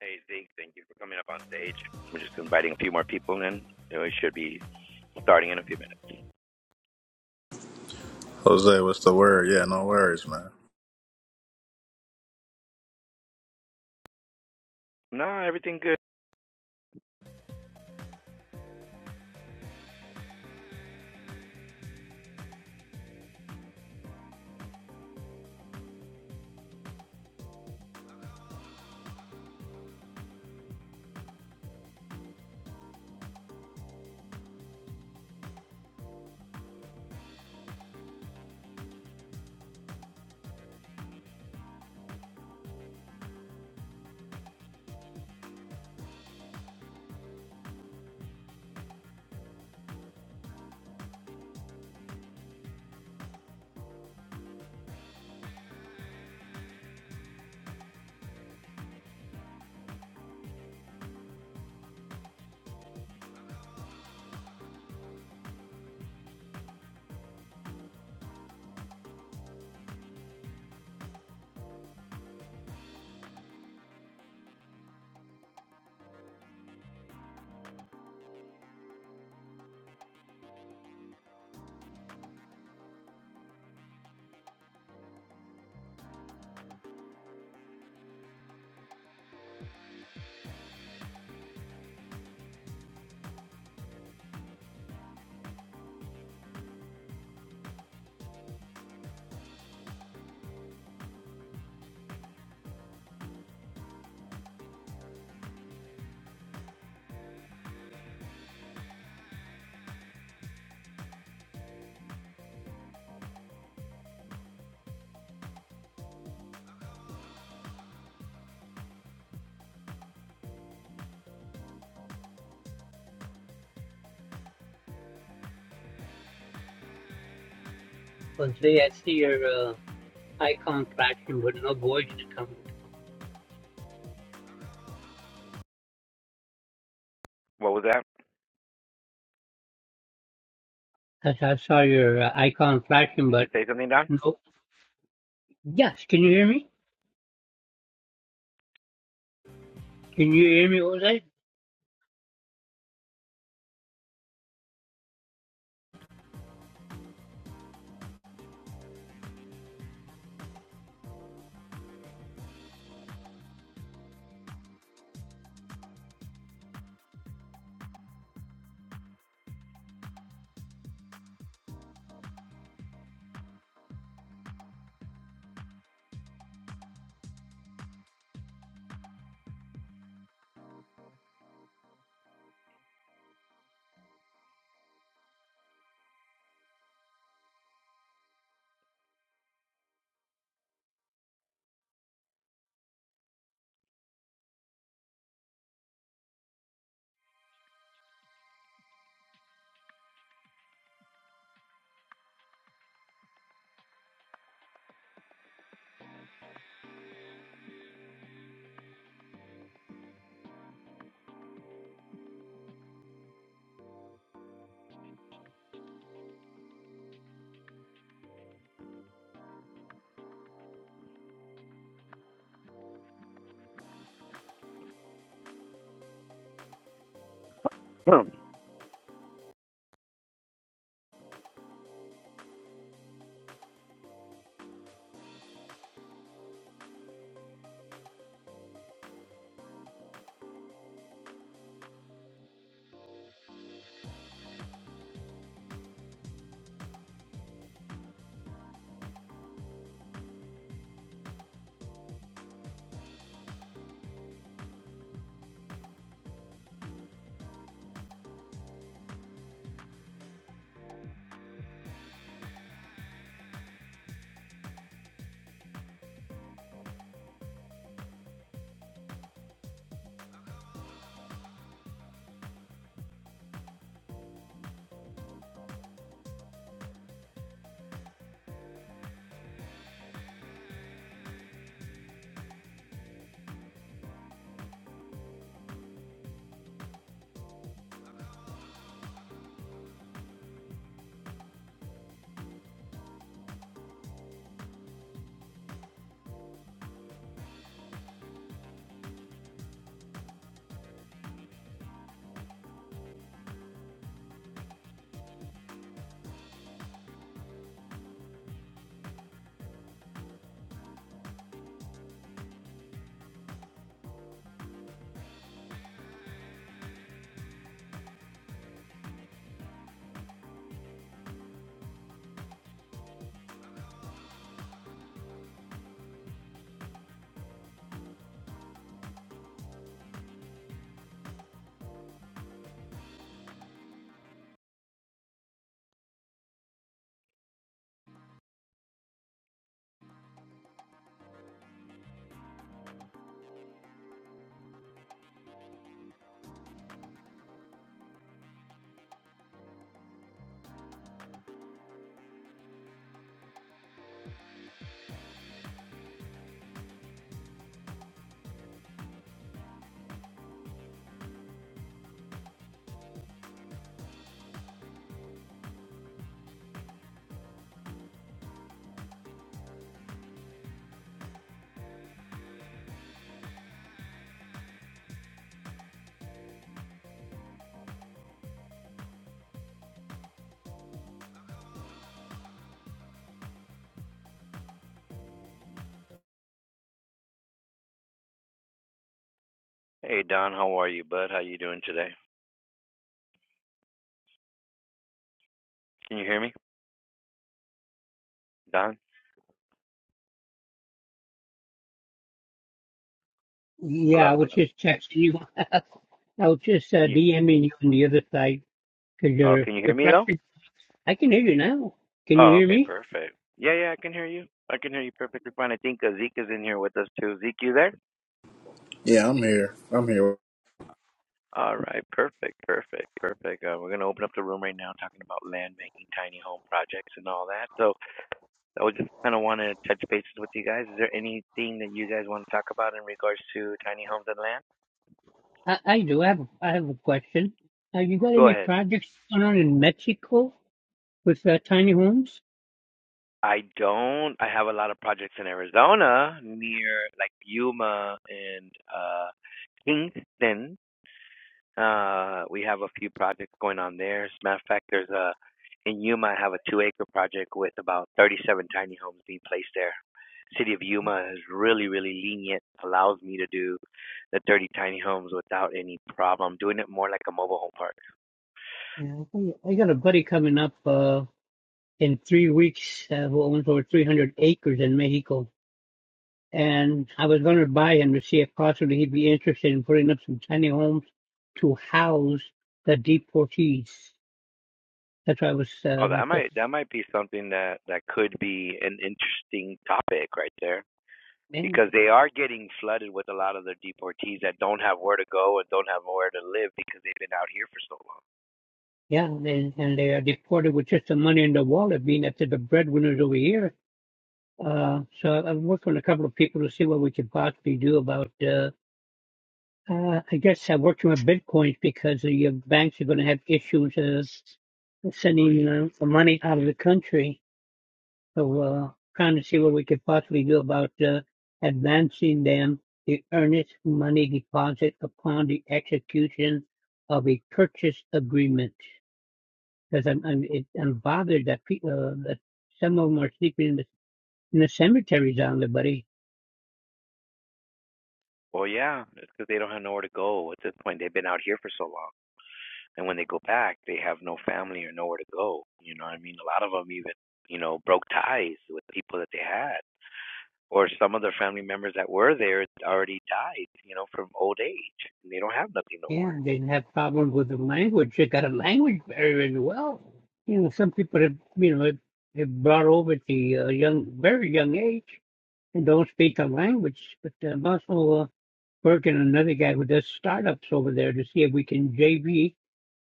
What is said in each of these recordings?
Hey, Zeke, thank you for coming up on stage. We're just inviting a few more people in. So We should be starting in a few minutes. Jose, what's the word? Yeah, no worries, man. No, everything good. Because they, I see your uh, icon flashing, but no voice to come. What was that? Yes, I saw your uh, icon flashing, Did you but say something, Don? no. Yes, can you hear me? Can you hear me, What was that? No. Hey, Don, how are you, bud? How you doing today? Can you hear me, Don? Yeah, Hello, I was hello. just texting you. I was just uh, Can you? DMing you on the other side because Oh, you're, can you you're hear me though? flashing. I can hear you now. Can you Oh, hear okay, me? perfect. Yeah, yeah, I can hear you. I can hear you perfectly fine. I think uh, Zeke is in here with us too. Zeke, you there? Yeah, I'm here. I'm here. All right, perfect, perfect, perfect. Uh, we're gonna open up the room right now, talking about land banking, tiny home projects, and all that. So. I would just kind of want to touch bases with you guys. Is there anything that you guys want to talk about in regards to tiny homes and land? I, I do. I have, a- I have a question. Uh, you got Go any ahead. projects going on in Mexico with uh, tiny homes? I don't. I have a lot of projects in Arizona near like Yuma and uh, Kingston Uh, we have a few projects going on there. As a matter of fact, there's a in Yuma. I have a two-acre project with about 37 tiny homes being placed there. City of Yuma is really, really lenient. Allows me to do the 30 tiny homes without any problem. Doing it more like a mobile home park. Yeah, I think- I got a buddy coming up. Uh, in three weeks uh, who owns over 300 acres in Mexico. And I was going to buy him to see if possibly he'd be interested in putting up some tiny homes to house the deportees. That's why I was uh, Oh, my that first might that might be something that that could be an interesting topic right there man. because they are getting flooded with a lot of the deportees that don't have where to go and don't have where to live because they've been out here for so long. Yeah, and, and they are deported with just the money in the wallet, being that they're the breadwinners over here. Uh, so I've worked on a couple of people to see what we could possibly do about. uh, Uh, I guess I worked with Bitcoin because the uh, banks are going to have issues uh, sending uh, the money out of the country. So uh, trying to see what we could possibly do about uh, advancing them the earnest money deposit upon the execution of a purchase agreement. Because I'm I'm, it, I'm bothered that people uh, that some of them are sleeping in the, in the cemeteries down there, buddy. Well, yeah, it's because they don't have nowhere to go. At this point, they've been out here for so long, and when they go back, they have no family or nowhere to go. You know, what I mean, a lot of them even, you know, broke ties with people that they had, or some of their family members that were there already died. You know, from old age, and they don't have nothing no Yeah, more. they didn't have problems with the language. They got a language barrier as well. You know, some people have, you know, have brought over at the uh, young, very young age and don't speak the language. But uh, I'm also uh, working on another guy who does startups over there to see if we can JV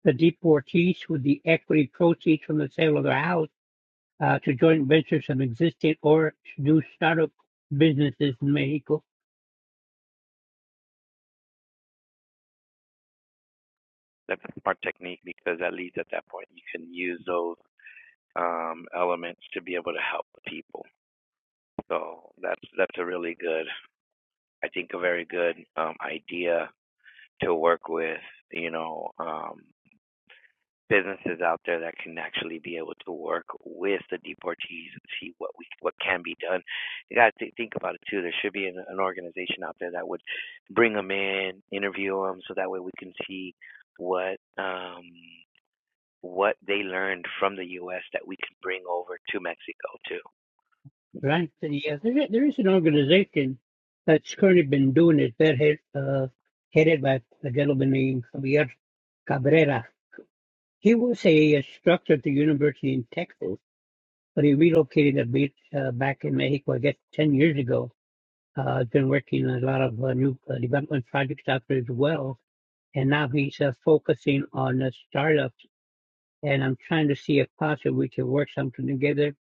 the deportees with the equity proceeds from the sale of their house uh, to joint ventures some existing or new startup businesses in Mexico. That's a smart technique because at least at that point, you can use those um elements to be able to help people. So that's that's a really good, I think, a very good um idea to work with, you know, um, businesses out there that can actually be able to work with the deportees and see what we what can be done. You got to think about it too. There should be an, an organization out there that would bring them in, interview them, so that way we can see what um, what they learned from the U.S. that we can bring over to Mexico too. Right. So, Yeah, there is, there is an organization that's currently been doing it. They're head, uh, headed by a gentleman named Javier Cabrera. He was a, uh structure at the university in Texas, but he relocated a bit uh, back in Mexico, I guess, 10 years ago. Uh, he's been working on a lot of uh, new uh, development projects out there as well. And now he's uh, focusing on uh, startups. And I'm trying to see if possibly we can work something together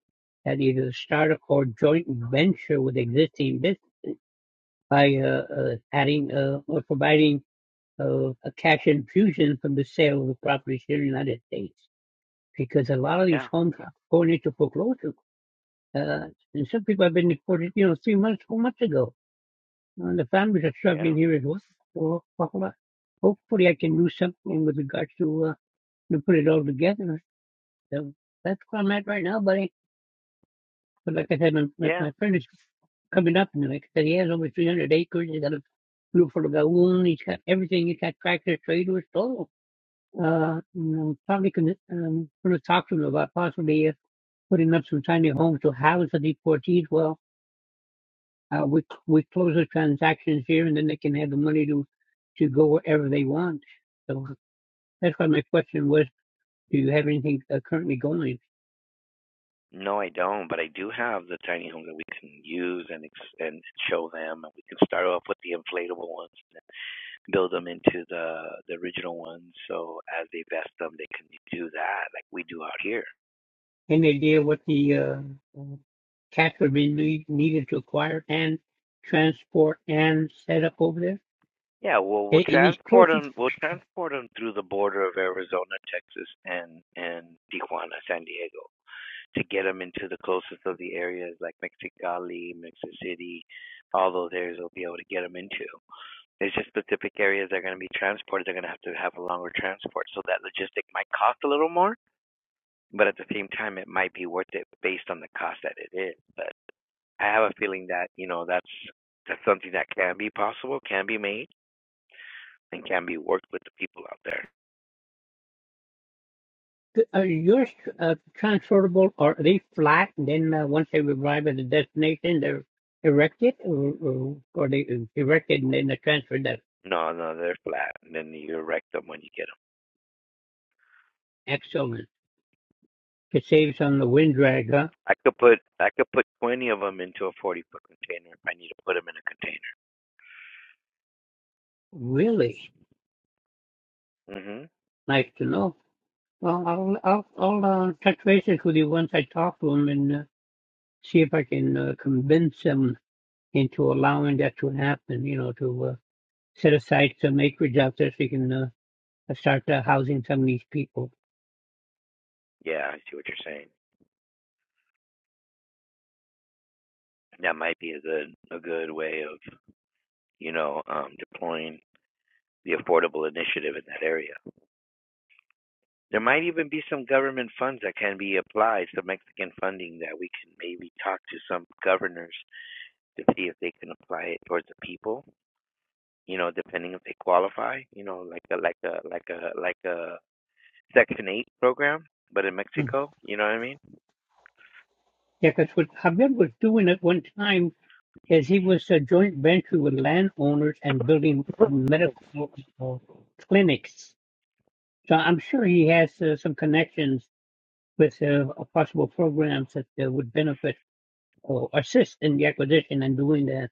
that either start or joint venture with existing business by uh, uh, adding uh, or providing uh, a cash infusion from the sale of the properties here in the United States because a lot of these Yeah, homes are going into foreclosure. Uh, and some people have been deported, you know, three months, four months ago. And the families are yeah, struggling here as well. So well, uh, hopefully I can do something with regards to, uh, to put it all together. So that's where I'm at right now, buddy. But like I said, my, my, yeah. my friend is coming up and like I said, he has over 300 acres. He's got a beautiful lagoon. He's got everything. He's got tractor, trailers, todo. Uh, and I'm probably going to um, going to talk to him about possibly uh, putting up some tiny homes to house the deportees. Well, uh, we we close the transactions here, and then they can have the money to to go wherever they want. So that's why my question was, do you have anything uh, currently going? No, I don't, but I do have the tiny home that we can use and ex- and show them. And we can start off with the inflatable ones, and then build them into the the original ones. So as they vest them, they can do that like we do out here. and they did what the uh, uh, Catholic need, needed to acquire and transport and set up over there. Yeah, well, Are, we'll are these transport clothes them. We'll transport transport them through the border of Arizona, Texas, and and Tijuana, San Diego, to get them into the closest of the areas like Mexicali, Mexico City, all those areas. We'll be able to get them into. It's just specific areas that are going to be transported. They're going to have to have a longer transport. So that logistic might cost a little more, but at the same time, it might be worth it based on the cost that it is. But I have a feeling that, you know, that's that's something that can be possible, can be made, and can be worked with the people out there. are yours uh, transportable, or are they flat? And then uh, once they arrive at the destination, they're erected, or, or, or they erected and then they're transferred. That's No, no, they're flat, and then you erect them when you get them. excellent. It saves on the wind drag, huh? I could put I could put twenty of them into a forty foot container if I need to put them in a Really container. Mhm. nice to know. Well, I'll I'll, I'll uh, touch bases with you once I talk to them and uh, see if I can uh, convince them into allowing that to happen, you know, to uh, set aside some acreage out there so you can uh, uh, start uh, housing some of these people. Yeah, I see what you're saying. That might be a good a good way of. you know, um, deploying the affordable initiative in that area. There might even be some government funds that can be applied, some Mexican funding that we can maybe talk to some governors to see if they can apply it towards the people. You know, depending if they qualify. You know, like a like a like a like a Section Eight program, but in Mm. Mexico. You know what I mean? Yeah, because what Javier was doing at one time is he was a joint venture with landowners and building uh, medical uh, clinics. So I'm sure he has uh, some connections with uh, possible programs that uh, would benefit or assist in the acquisition and doing that.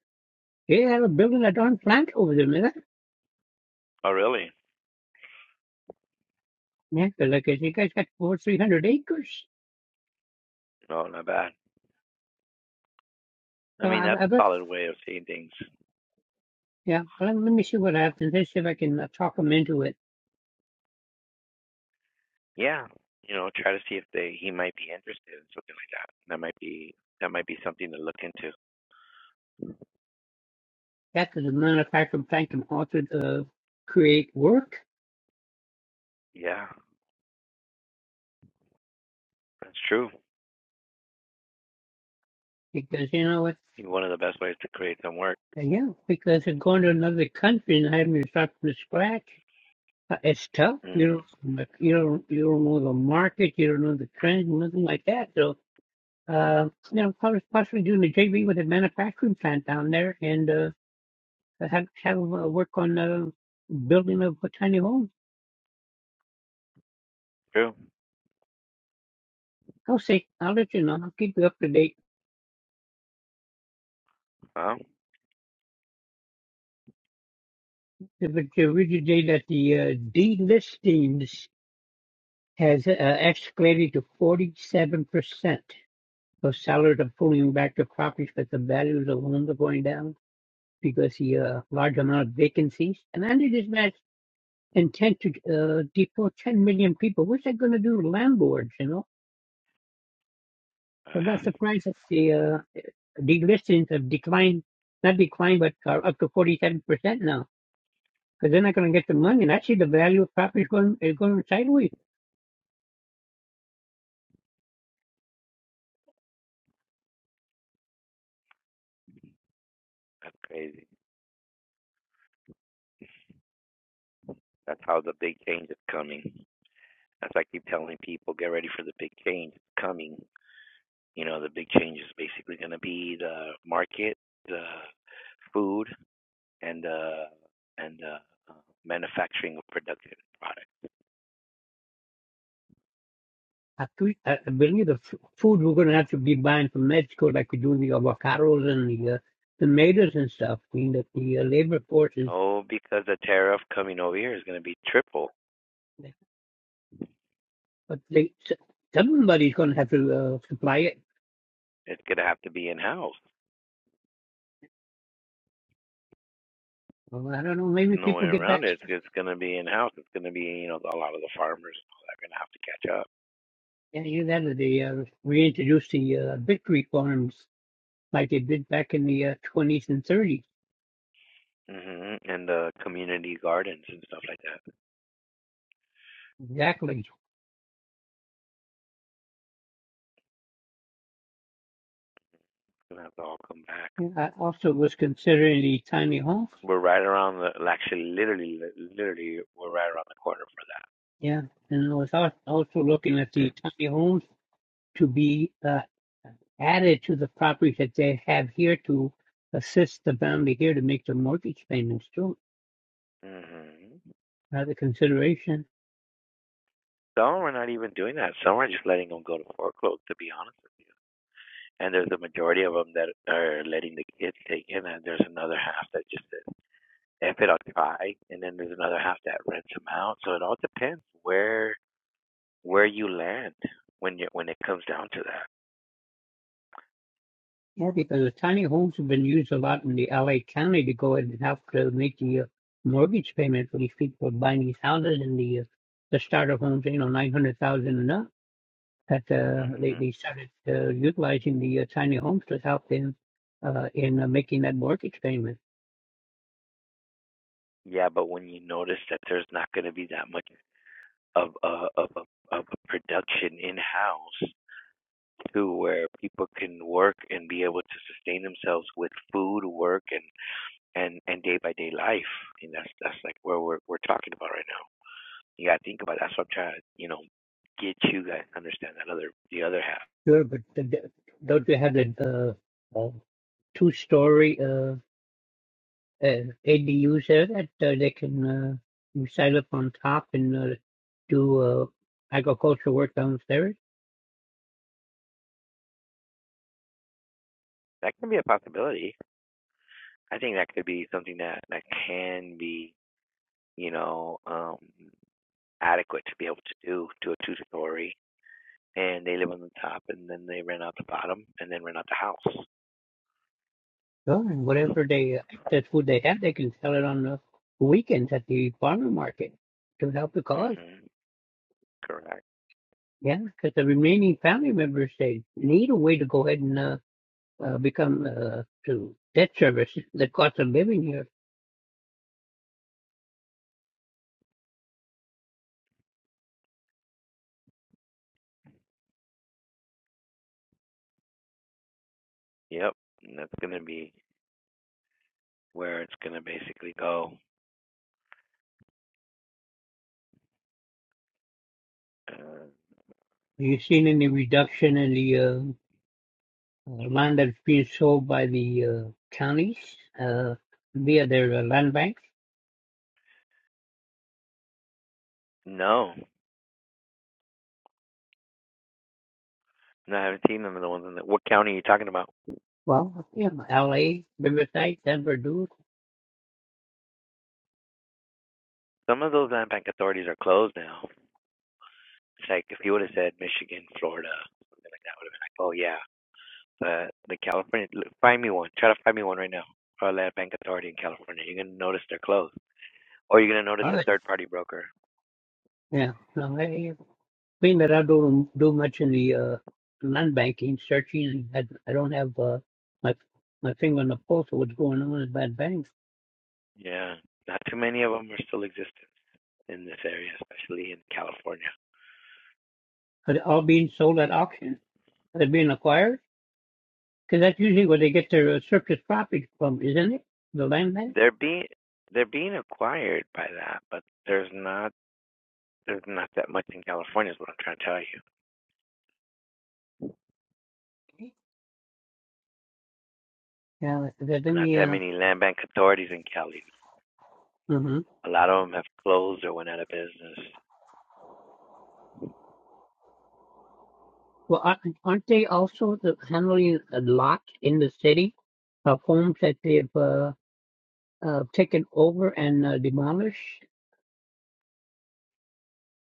Yeah, they're building a darn plant over there, man. Oh, really? Yeah, they're like I said, you guys got over 300 acres. No, not bad. I So mean, that's I, I a bet, solid way of seeing things. yeah, well, let, let me see what I happens. Let's see if I can uh, talk them into it. Yeah, you know, try to see if they he might be interested in something like that. That might be that might be something to look into. That the manufacturer plant can also uh, create work Yeah, that's true. because you know what? One of the best ways to create some work. uh, Yeah, because they're going to another country and having to start from scratch, uh, it's tough. hmm You don't, you don't, you don't know the market, you don't know the trends, nothing like that. So, uh, you know, probably possibly doing the JV with a manufacturing plant down there and uh, have have uh, work on uh, building of a tiny home. True. I'll see. I'll let you know. I'll keep you up to date. Huh? to, to read today that the uh, delistings has uh, escalated to 47%. So sellers are pulling back the properties, but the values of homes are going down because the uh, large amount of vacancies. And under this match, intent to uh, deport 10 million people. What's that going to do to landlords, you know? So I'm Ah, not surprised that the uh, delistings have declined, not declined, but are up to 47% now. Because they're not going to get the money. And actually, the value of property is going, is going sideways. that's crazy. That's how the big change is coming. As I keep telling people, get ready for the big change It's coming. You know, the big change is basically going to be the market, the food, and uh and uh, uh, manufacturing of productive products. I, think- I I believe the f- food we're going to have to be buying from Mexico, like we do the avocados and the uh, tomatoes and stuff. I mean, that the uh, labor force is, No, because the tariff coming over here is going to be triple. but they, s- somebody's going to have to uh, supply it. It's going to have to be in house. Well, I don't know. Maybe There's no way people get around back. it. It's, it's going to be in house. It's going to be, you know, a lot of the farmers and all that are going to have to catch up. Yeah, either that or they uh, reintroduce the uh, victory farms like they did back in the uh, 20s and 30s. hmm And the community gardens and stuff like that. Exactly. It's going to have to all come back. Yeah, I also was considering the tiny homes. We're right around the, actually, literally, literally, we're right around the corner for that. Yeah, and I was al- also looking at the tiny homes to be. uh, added to the properties that they have here to assist the family here to make their mortgage payments too. hmm Another consideration. Some are not even doing that. Some are just letting them go to foreclosure, to be honest with you. And there's a majority of them that are letting the kids take it, and there's another half that just says if it occupy, and then there's another half that rents them out. So it all depends where where you land when you when it comes down to that. Yeah, because the tiny homes have been used a lot in the LA County to go ahead and help to make the uh, mortgage payment for these people buying these houses and the uh, the starter homes, you know, nine hundred thousand and up. That uh, they hmm they started uh, utilizing the uh, tiny homes to help them uh, in uh, making that mortgage payment. Yeah, but when you notice that there's not going to be that much of a of a of a production in house to where people can work and be able to sustain themselves with food, work, and and and day by day life. And that's that's like where we're we're talking about right now. You got to think about it. that's what I'm trying to you know get you guys to understand that other the other half. Sure, but the, the- don't you have the uh, uh, two story? uh, ADUs there that uh, they can uh, you set up on top and uh, do uh, agricultural work downstairs. that can be a possibility. I think that could be something that that can be, you know, um, adequate to be able to do to a two story. And they live on the top, and then they rent out the bottom, and then rent out the house. Sure, and whatever they uh, excess food they have, they can sell it on the weekends at the farmer market to help the mm cause. hmm Correct. Yeah, because the remaining family members they need a way to go ahead and uh, uh, become uh, to debt service the cost of living here. Yep. And that's gonna be where it's gonna basically go. Uh, Have you seen any reduction in the? uh, uh, land that's being sold by the uh, counties uh, via their uh, land banks. no, no, I haven't seen them in the ones in the. What county are you talking about? Well, yeah, L.A., Riverside, Denver, Duluth. Some of those land bank authorities are closed now. It's like if you would have said Michigan, Florida, like that would have been like, oh yeah, Uh, the California, find me one. Try to find me one right now for a land bank authority in California. You're gonna notice they're closed, or you're gonna notice All a right. third party broker. Yeah. No, I, being that I don't do much in the uh, land banking, searching, I, I don't have uh, my my finger on the pulse of what's going on in bad banks. Yeah, not too many of them are still existent in this area, especially in California. Are they all being sold at auction? Are they being acquired? Because that's usually where they get their uh, surplus property from, isn't it? The land bank? They're being they're being acquired by that, but there's not there's not that much in California. Is what I'm trying to tell you. Yeah. Let let Not me. that Uh, many land bank authorities in Cali. mhm. A lot of them have closed or went out of business. Well, aren't aren't they also the, handling a lot in the city of homes that they've uh, uh, taken over and uh, demolished?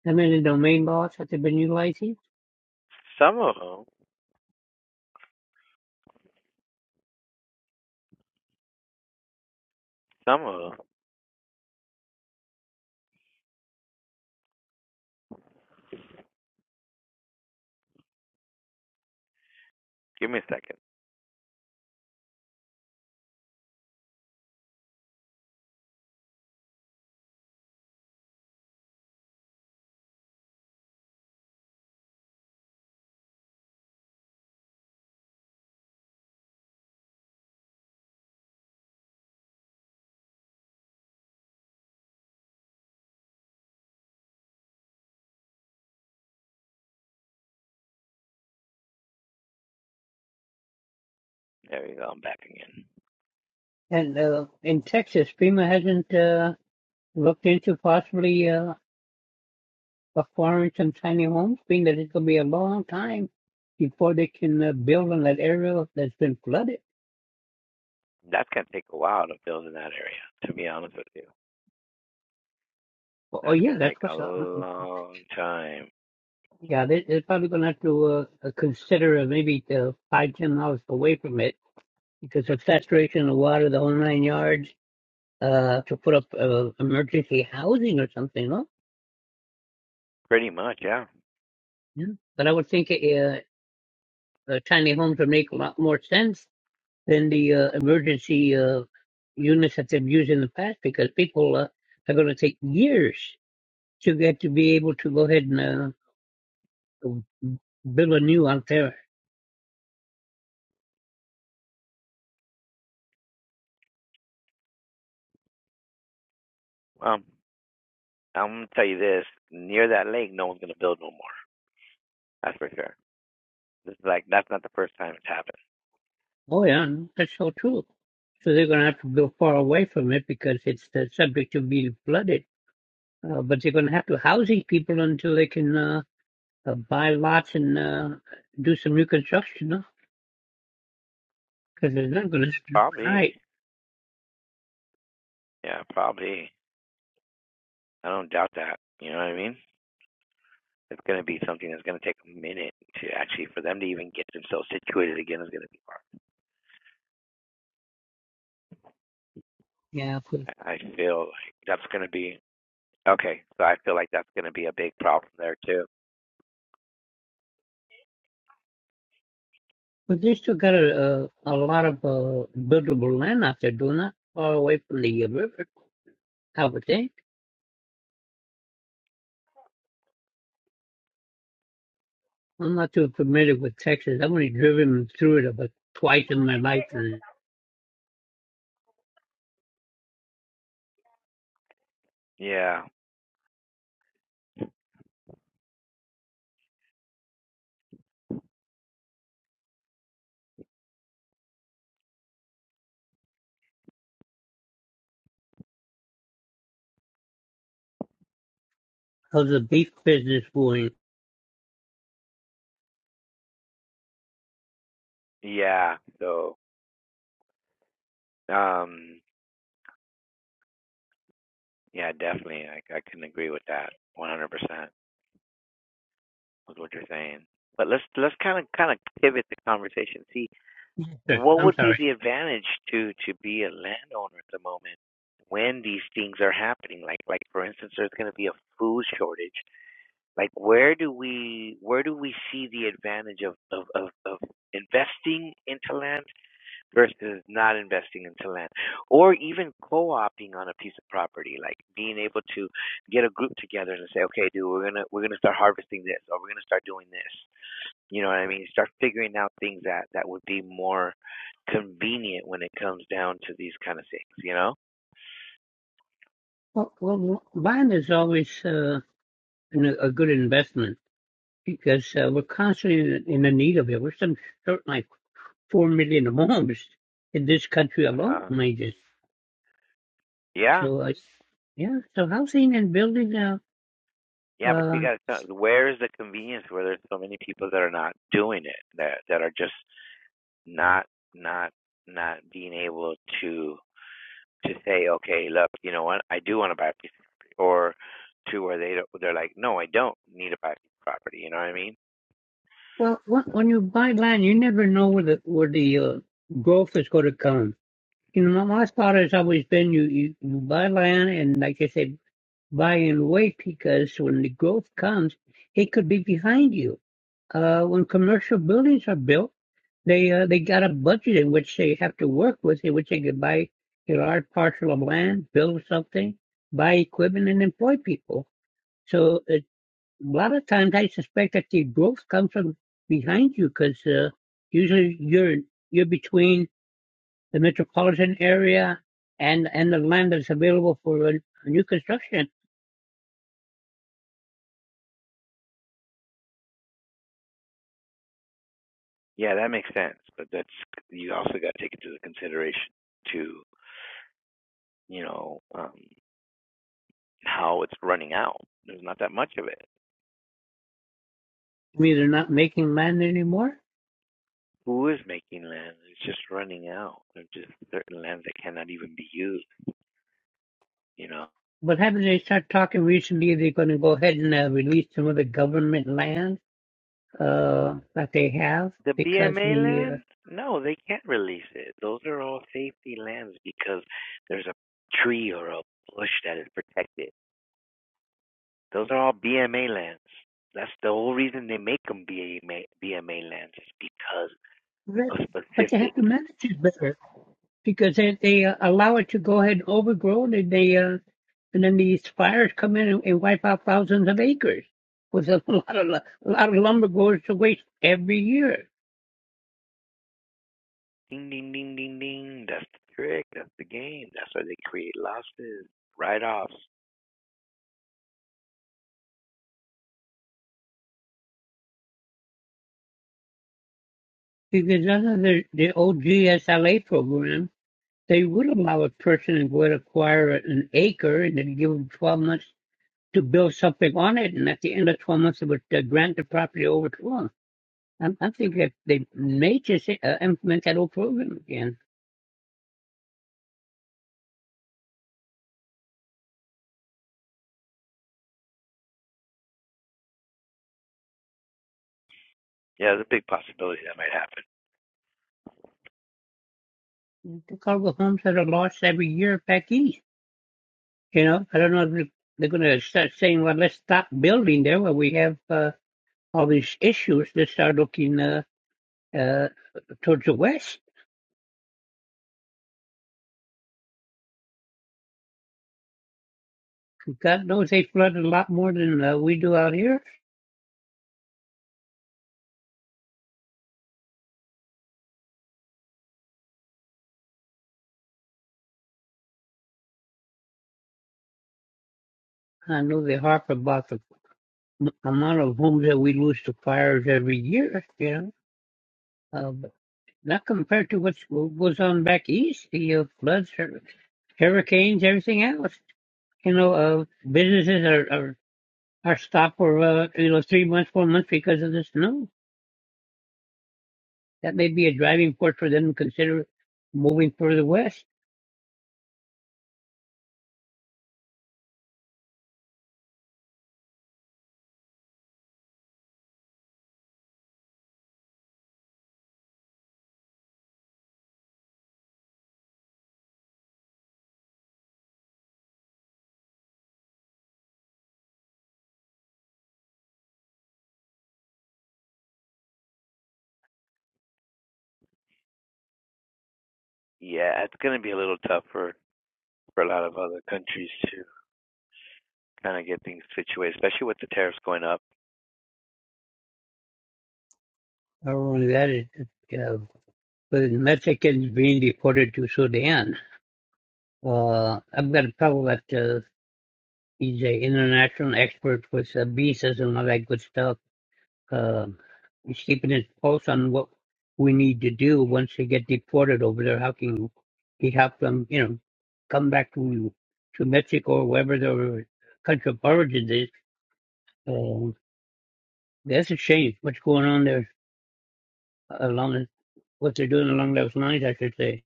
I mean, the domain laws that they've been utilizing. Some of them, some of them. Give me a second. There we go. I'm back again. And uh, in Texas, FEMA hasn't uh, looked into possibly uh, acquiring some tiny homes, being that it's going to be a long time before they can uh, build on that area that's been flooded. That's gonna take a while to build in that area. To be honest with you, Oh, oh, that's gonna yeah, that's take a what's uh, long time. yeah, they, they're probably going to have to uh, uh, consider uh, maybe uh, five, ten miles away from it because of saturation of water, the whole nine yards, uh, to put up uh, emergency housing or something, no? Pretty much, yeah. Yeah. But I would think uh, uh, tiny homes would make a lot more sense than the uh, emergency uh, units that they've used in the past because people uh, are going to take years to get to be able to go ahead and uh, build a new out there. Um, I'm gonna tell you this: near that lake, no one's gonna build no more. That's for sure. This is like that's not the first time it's happened. Oh, yeah, that's so true. So they're going to have to go far away from it because it's uh, subject to being flooded. Uh, but they're going to have to house these people until they can uh, uh, buy lots and uh, do some reconstruction, huh? Because it's not going to happen Probably, overnight. yeah, probably. I don't doubt that. You know what I mean? It's gonna be something that's gonna take a minute to actually for them to even get themselves situated again. Is gonna be Yeah, but, hard. I feel like that's gonna be okay. So I feel like that's gonna be a big problem there too. but they still got a, a, a lot of uh, buildable land out there, doing not far away from the uh, river, I would think. I'm not too familiar with Texas. I've only driven through it about twice in my life. And Yeah. of the beef business going. Yeah. So, um, yeah, definitely. I I can agree with that 100% with what you're saying. But let's let's kind of kind of pivot the conversation. See, Sure, what I'm would be sorry. the advantage to to be a landowner at the moment when these things are happening? Like like for instance, there's going to be a food shortage. Like where do we where do we see the advantage of of of, of investing into land versus not investing into land or even co-opting on a piece of property like being able to get a group together and say okay dude we're going to we're going to start harvesting this or we're going to start doing this you know what i mean start figuring out things that that would be more convenient when it comes down to these kind of things you know Well, well buying is always uh, an- a good investment because uh, we're constantly in, in the need of it. We're some something like four million homes in this country alone, uh I just yeah so uh, yeah. So housing and building. Uh, yeah but you uh, got to where's the convenience where there's so many people that are not doing it that that are just not not not being able to to say, okay, look, you know what, I do want to buy a piece of property, or to where they don't, they're like, no, I don't need to buy a piece of property. You know what I mean? well, wh- when you buy land, you never know where the where the uh, growth is going to come. You know, my my thought has always been you, you you buy land, and like I said. Buy and wait because when the growth comes, it could be behind you. Uh, when commercial buildings are built, they uh, they got a budget in which they have to work with, in which they could buy a large parcel of land, build something, buy equipment, and employ people. So it, a lot of times, I suspect that the growth comes from behind you because uh, usually you're you're between the metropolitan area and and the land that's available for uh, new construction Yeah, that makes sense, but that's you also got to take into consideration to you know um, how it's running out. There's not that much of it. I mean, they're not making land anymore. Who is making land? It's just running out. There's just certain lands that cannot even be used. You know, But haven't they start talking recently? They're going to go ahead and uh, release some of the government land uh, that they have The because BMA the uh, land? No, they can't release it. Those are all safety lands because there's a tree or a bush that is protected. Those are all BMA lands. That's the whole reason they make them BMA, BMA lands is because re- of but they specific. have to manage it better because they, they uh, allow it to go ahead and overgrow and they uh, and then these fires come in and, and wipe out thousands of acres with a lot of lu- a lot of lumber goes to waste every year Ding, ding, ding, ding, ding. That's the trick. That's the game. That's why they create losses, write-offs. because none of the the old GSLA program. They would allow a person who would acquire an acre and then give them 12 months to build something on it. And at the end of 12 months, they would uh, grant the property over to them. I'm, I'm thinking that they may just uh, implement that whole program again. Yeah, there's a big possibility that might happen. Look at all the homes that are lost every year back east. You know, I don't know if they're they're going to start saying, well, let's stop building there where we have uh, all these issues. Let's start looking uh, uh, towards the west. God knows they flood a lot more than uh, we do out here. I know they harp about the the amount of homes that we lose to fires every year, you know, uh, but not compared to what's, what goes on back east, the know, floods, hur- hurricanes, everything else. You know, uh, businesses are, are, are stopped for, uh, you know, three months, four months because of the snow. That may be a driving force for them to consider moving further west. Yeah, it's going to be a little tough for, for a lot of other countries to kind of get things situated, especially with the tariffs going up Not only that, it, it, uh, with Mexicans being deported to Sudan. Uh, I've got a problem with that. uh, He's an international expert with uh, visas and all that good stuff. Uh, he's keeping his pulse on what we need to do once they get deported over there. How can he help them, you know, come back to to Mexico or wherever their country of origin is? Um, that's a shame. What's going on there along what they're doing along those lines? I should say.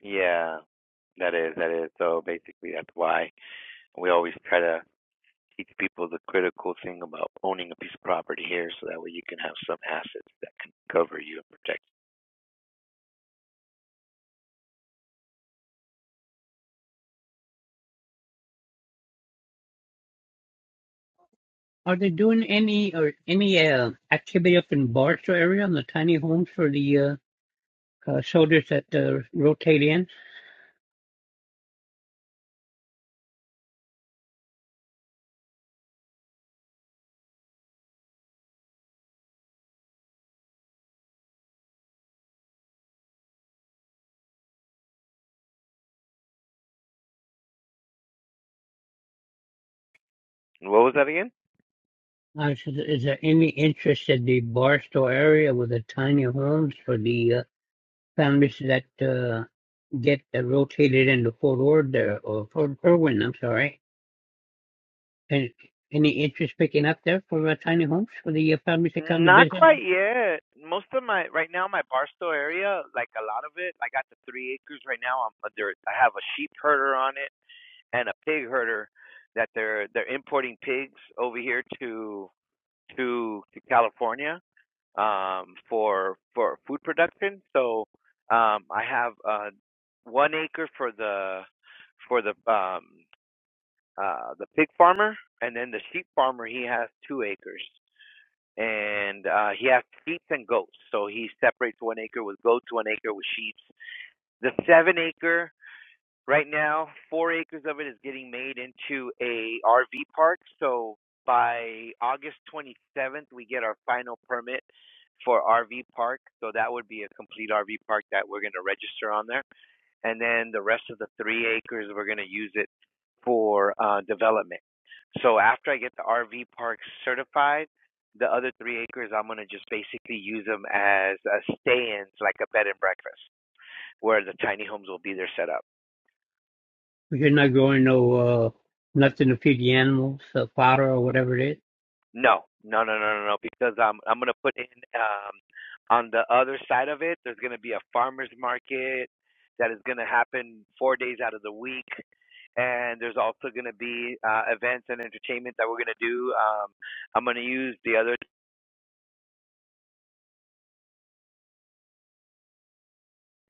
Yeah, that is that is. So basically, that's why we always try to teach people the critical thing about owning a piece of property here, so that way you can have some assets that can cover you and protect. Are they doing any or any uh, activity up in Barstow area on the tiny homes for the uh, uh, soldiers that uh, rotate in? you. And what was that again? Uh, so th- is there any interest in the Barstow area with the tiny homes for the uh, families that uh, get uh, rotated into Fort Ord there, or Fort Irwin, I'm sorry? And any interest picking up there for uh, tiny homes for the uh, families that come to Not visit? quite yet. Most of my right now, my Barstow area, like a lot of it, I got the three acres right now. I'm uh, there. I have a sheep herder on it and a pig herder that they're they're importing pigs over here to to to California um, for for food production. So um, I have uh, one acre for the for the um, uh, the pig farmer, and then the sheep farmer he has two acres, and uh, he has sheep and goats. So he separates one acre with goats, one acre with sheep. The seven acre. Right now, four acres of it is getting made into a RV park. So by August 27th, we get our final permit for RV park. So that would be a complete RV park that we're going to register on there. And then the rest of the three acres, we're going to use it for uh, development. So after I get the RV park certified, the other three acres, I'm going to just basically use them as a stay-ins, like a bed and breakfast, where the tiny homes will be there set up. Because you're not growing no uh, nothing to feed the animals, uh, fodder or whatever it is. No, no, no, no, no, no. Because I'm I'm gonna put in um on the other side of it. There's gonna be a farmers market that is gonna happen four days out of the week, and there's also gonna be uh, events and entertainment that we're gonna do. Um, I'm gonna use the other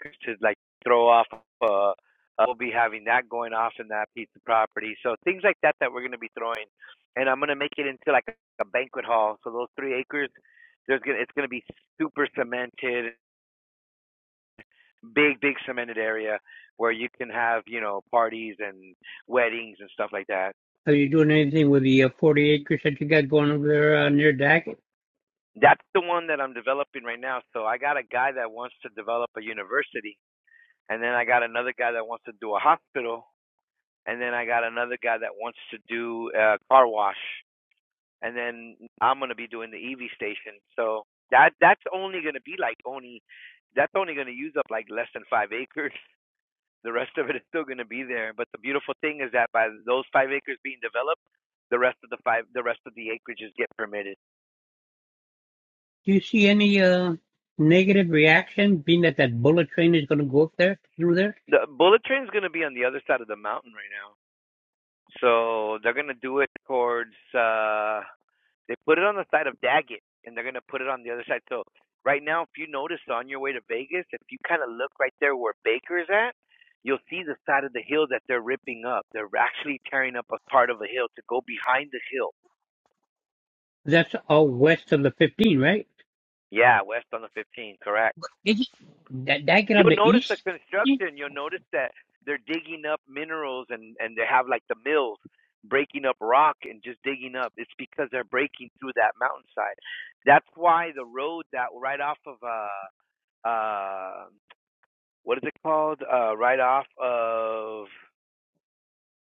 to like throw off. Uh, uh, we'll be having that going off in that piece of property. So things like that that we're gonna be throwing, and I'm gonna make it into like a banquet hall. So those three acres, there's gonna it's gonna be super cemented big big cemented area where you can have you know parties and weddings and stuff like that Are you doing anything with the uh, 40 acres that you got going over there uh, near Daggett? that's the one that i'm developing right now so i got a guy that wants to develop a university and then i got another guy that wants to do a hospital and then i got another guy that wants to do a car wash and then i'm going to be doing the ev station so that that's only going to be like only that's only going to use up like less than five acres The rest of it is still going to be there. But the beautiful thing is that by those five acres being developed, the rest of the five, the rest of the acreages get permitted. Do you see any uh, negative reaction, being that that bullet train is going to go up there through there? The bullet train is going to be on the other side of the mountain right now, so they're going to do it towards. uh They put it on the side of Daggett, and they're going to put it on the other side. So right now, if you notice on your way to Vegas, if you kind of look right there where Baker's at, you'll see the side of the hill that they're ripping up. They're actually tearing up a part of a hill to go behind the hill. That's all west of the 15, right? Yeah, west on the 15, correct. Did you, that, that get on You'll the notice the east? construction. You'll notice that they're digging up minerals and and they have like the mills breaking up rock and just digging up. It's because they're breaking through that mountainside. That's why the road that right off of uh uh what is it called? Uh right off of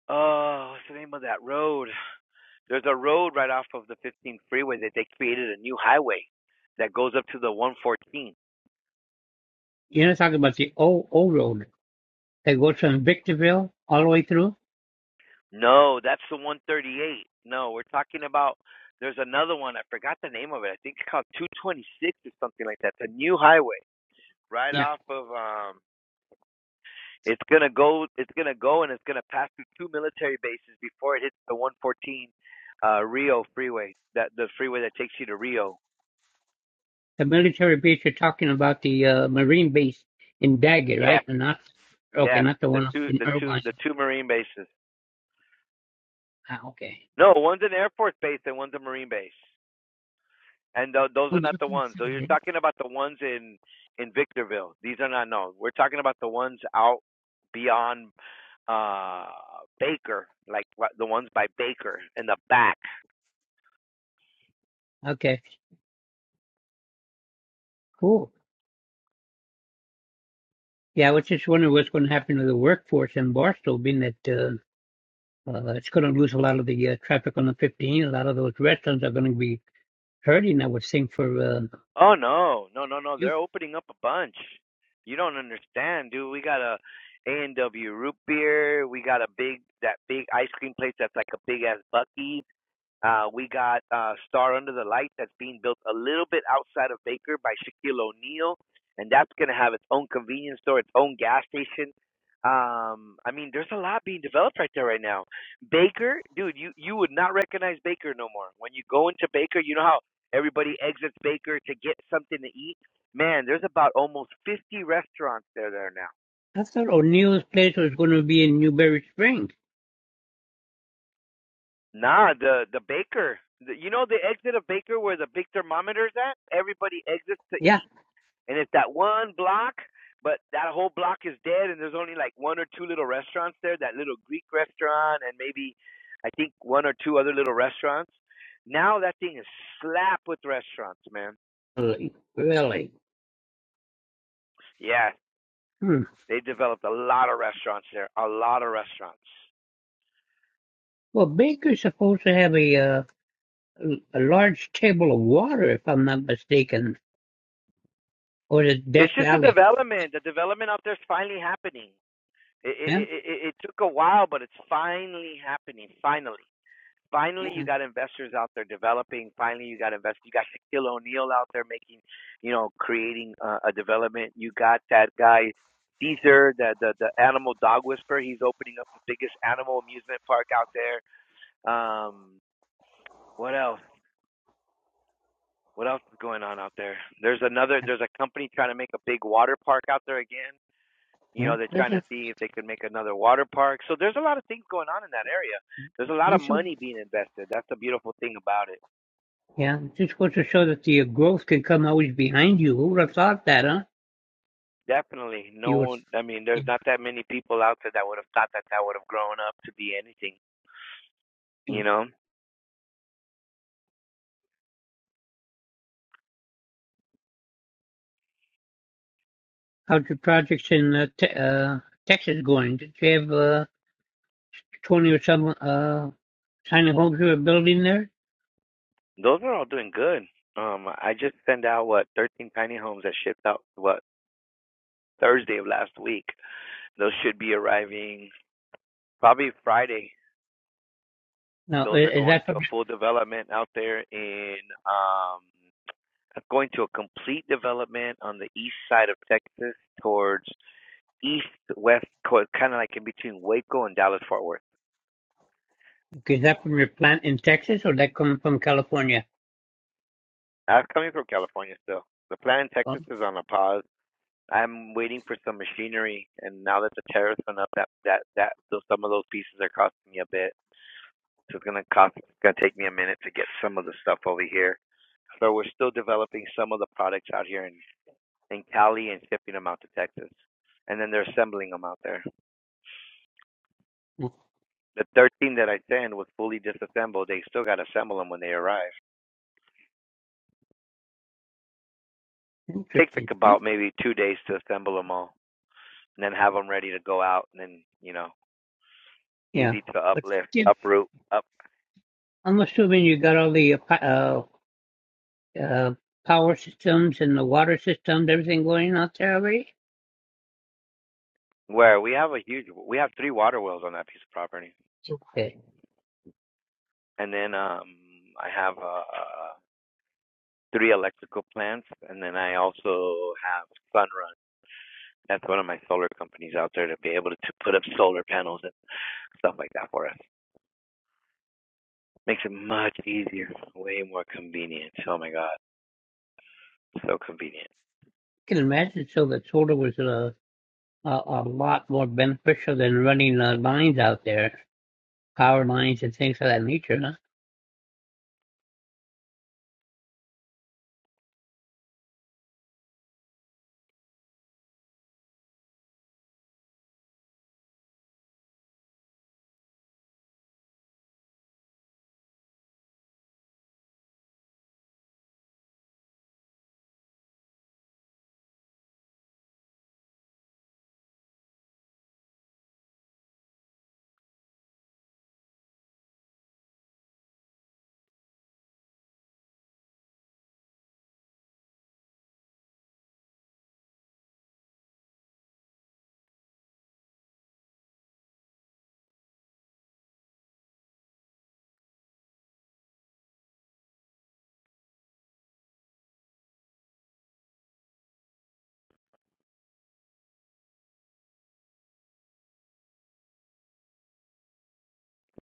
oh what's the name of that road? There's a road right off of the 15 freeway that they created a new highway that goes up to the 114 You're not talking about the old, old road that goes from Victorville all the way through? No, that's the 138. No, we're talking about there's another one. I forgot the name of it. I think it's called 226 or something like that. It's a new highway right Yeah. off of um it's going to go it's going to go and it's going to pass through two military bases before it hits the 114 uh Rio freeway. That the freeway that takes you to Rio. The military base, you're talking about the uh, Marine base in Daggett, Yeah. right? And not, okay, Yeah. not the The one two in the two Irvine. the two marine bases. Ah, okay. No, one's an Air Force base and one's a marine base. And tho- those are Oh, they're not the pretty ones. Though far, you're yeah. talking about the ones in in Victorville. These are not known. We're talking about the ones out beyond uh Baker, like what- the ones by Baker in the back. Okay, cool. Yeah, I was just wondering what's going to happen to the workforce in Barstow, being that. Uh, Uh, it's going to lose a lot of the uh, traffic on the 15. A lot of those restaurants are going to be hurting, I would think, for uh, Oh no, no, no, no. you. They're opening up a bunch. You don't understand, dude. We got a A and W root beer. We got a big that big ice cream place that's like a big ass Bucky. Uh, we got uh, Star Under the Light that's being built a little bit outside of Baker by Shaquille O'Neal, and that's going to have its own convenience store, its own gas station. Um, I mean, there's a lot being developed right there right now. Baker, dude, you you would not recognize Baker no more. When you go into Baker, you know how everybody exits Baker to get something to eat. Man, there's about almost 50 restaurants there there now. I thought O'Neill's place was going to be in Newberry Springs. Nah, the the Baker, the, you know the exit of Baker where the big thermometer's at. Everybody exits to eat Yeah, and it's that one block, but that whole block is dead, and there's only like one or two little restaurants there. That little Greek restaurant, and maybe I think one or two other little restaurants. Now that thing is slapped with restaurants, man. really. really. Yeah, Hmm. they developed a lot of restaurants there, a lot of restaurants. Well, Baker's supposed to have a, uh, a large table of water, if I'm not mistaken, or is it Death It's just the Valley? development. The development out there is finally happening. It, it, Yeah, it, it it took a while, but it's finally happening. Finally. Finally, you yeah, got investors out there developing. Finally, you got investors. You got Shaquille O'Neal out there making, you know, creating uh, a development. You got that guy Caesar, the, the the animal dog whisperer. He's opening up the biggest animal amusement park out there. Um, what else? What else is going on out there? There's another. yeah. There's a company trying to make a big water park out there again. You Yeah. know, they're is, trying to see if they could make another water park. So there's a lot of things going on in that area. There's a lot of this is, money being invested. That's the beautiful thing about it. yeah, just goes to show that the uh, growth can come always behind you. Who would have thought that, huh? Definitely. No You would. one, I mean, there's not that many people out there that would have thought that that would have grown up to be anything, Yeah. you know? How's your projects in uh, te- uh, Texas going? Did you have uh, 20 or some uh, tiny homes you were building there? Those are all doing good. Um, I just sent out, what, 13 tiny homes that shipped out, what, Thursday of last week. Those should be arriving probably Friday. Now, i- Those are is going that to from a full development out there in, um, going to a complete development on the east side of Texas towards east, west, kind of like in between Waco and Dallas Fort Worth. is that from your plant in Texas or that come from California? I'm coming from California still. The plant in Oh, Texas is on a pause. I'm waiting for some machinery, and now that the tariffs went up, that that that so some of those pieces are costing me a bit. So it's gonna cost. It's gonna take me a minute to get some of the stuff over here. So we're still developing some of the products out here in in Cali and shipping them out to Texas, and then they're assembling them out there. oh, The 13 that I sent was fully disassembled. They still gotta assemble them when they arrive. Takes like interesting. Yeah, about maybe two days to assemble them all, and then have them ready to go out, and then you know Yeah. easy to but uplift, yeah, uproot, up I'm assuming you got all the uh, pa- uh, uh, power systems and the water systems, everything going out there already. where we have a huge we have three water wells on that piece of property. Okay, I And then um I have uh three electrical plants and then I also have Sunrun. That's one of my solar companies out there to be able to, to put up solar panels and stuff like that for us. Makes it much easier, way more convenient. Oh my god, so convenient. can imagine so that solar was a a, a lot more beneficial than running uh, lines out there. power lines and things of that nature. huh?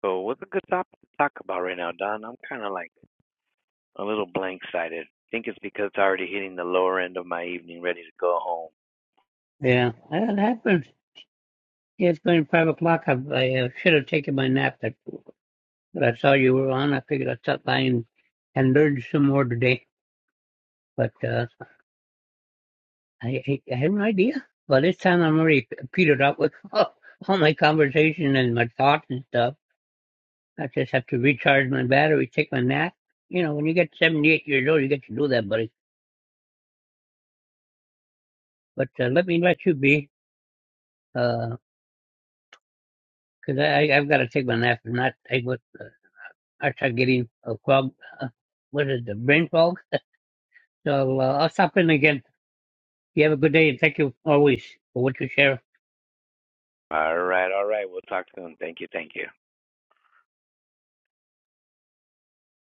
So what's a good topic to talk about right now, Don? I'm kind of like a little blank-sided. I think it's because it's already hitting the lower end of my evening, ready to go home. Yeah, that happened. Yeah, It's going five o'clock. I, I uh, should have taken my nap, but, but I saw you were on. I figured I'd stop by and, and learn some more today. But uh, I, I I had an idea. By this time, I'm already petered up with all, all my conversation and my thoughts and stuff. I just have to recharge my battery, take my nap. You know, when you get 78 years old, you get to do that, buddy. But uh, let me let you be, because I I, have got to take my nap. And not I would. uh, I start getting a fog. Uh, what is the brain fog? So uh, I'll stop in again. You have a good day and thank you always for what you share. All right, all right. We'll talk soon. Thank you, thank you.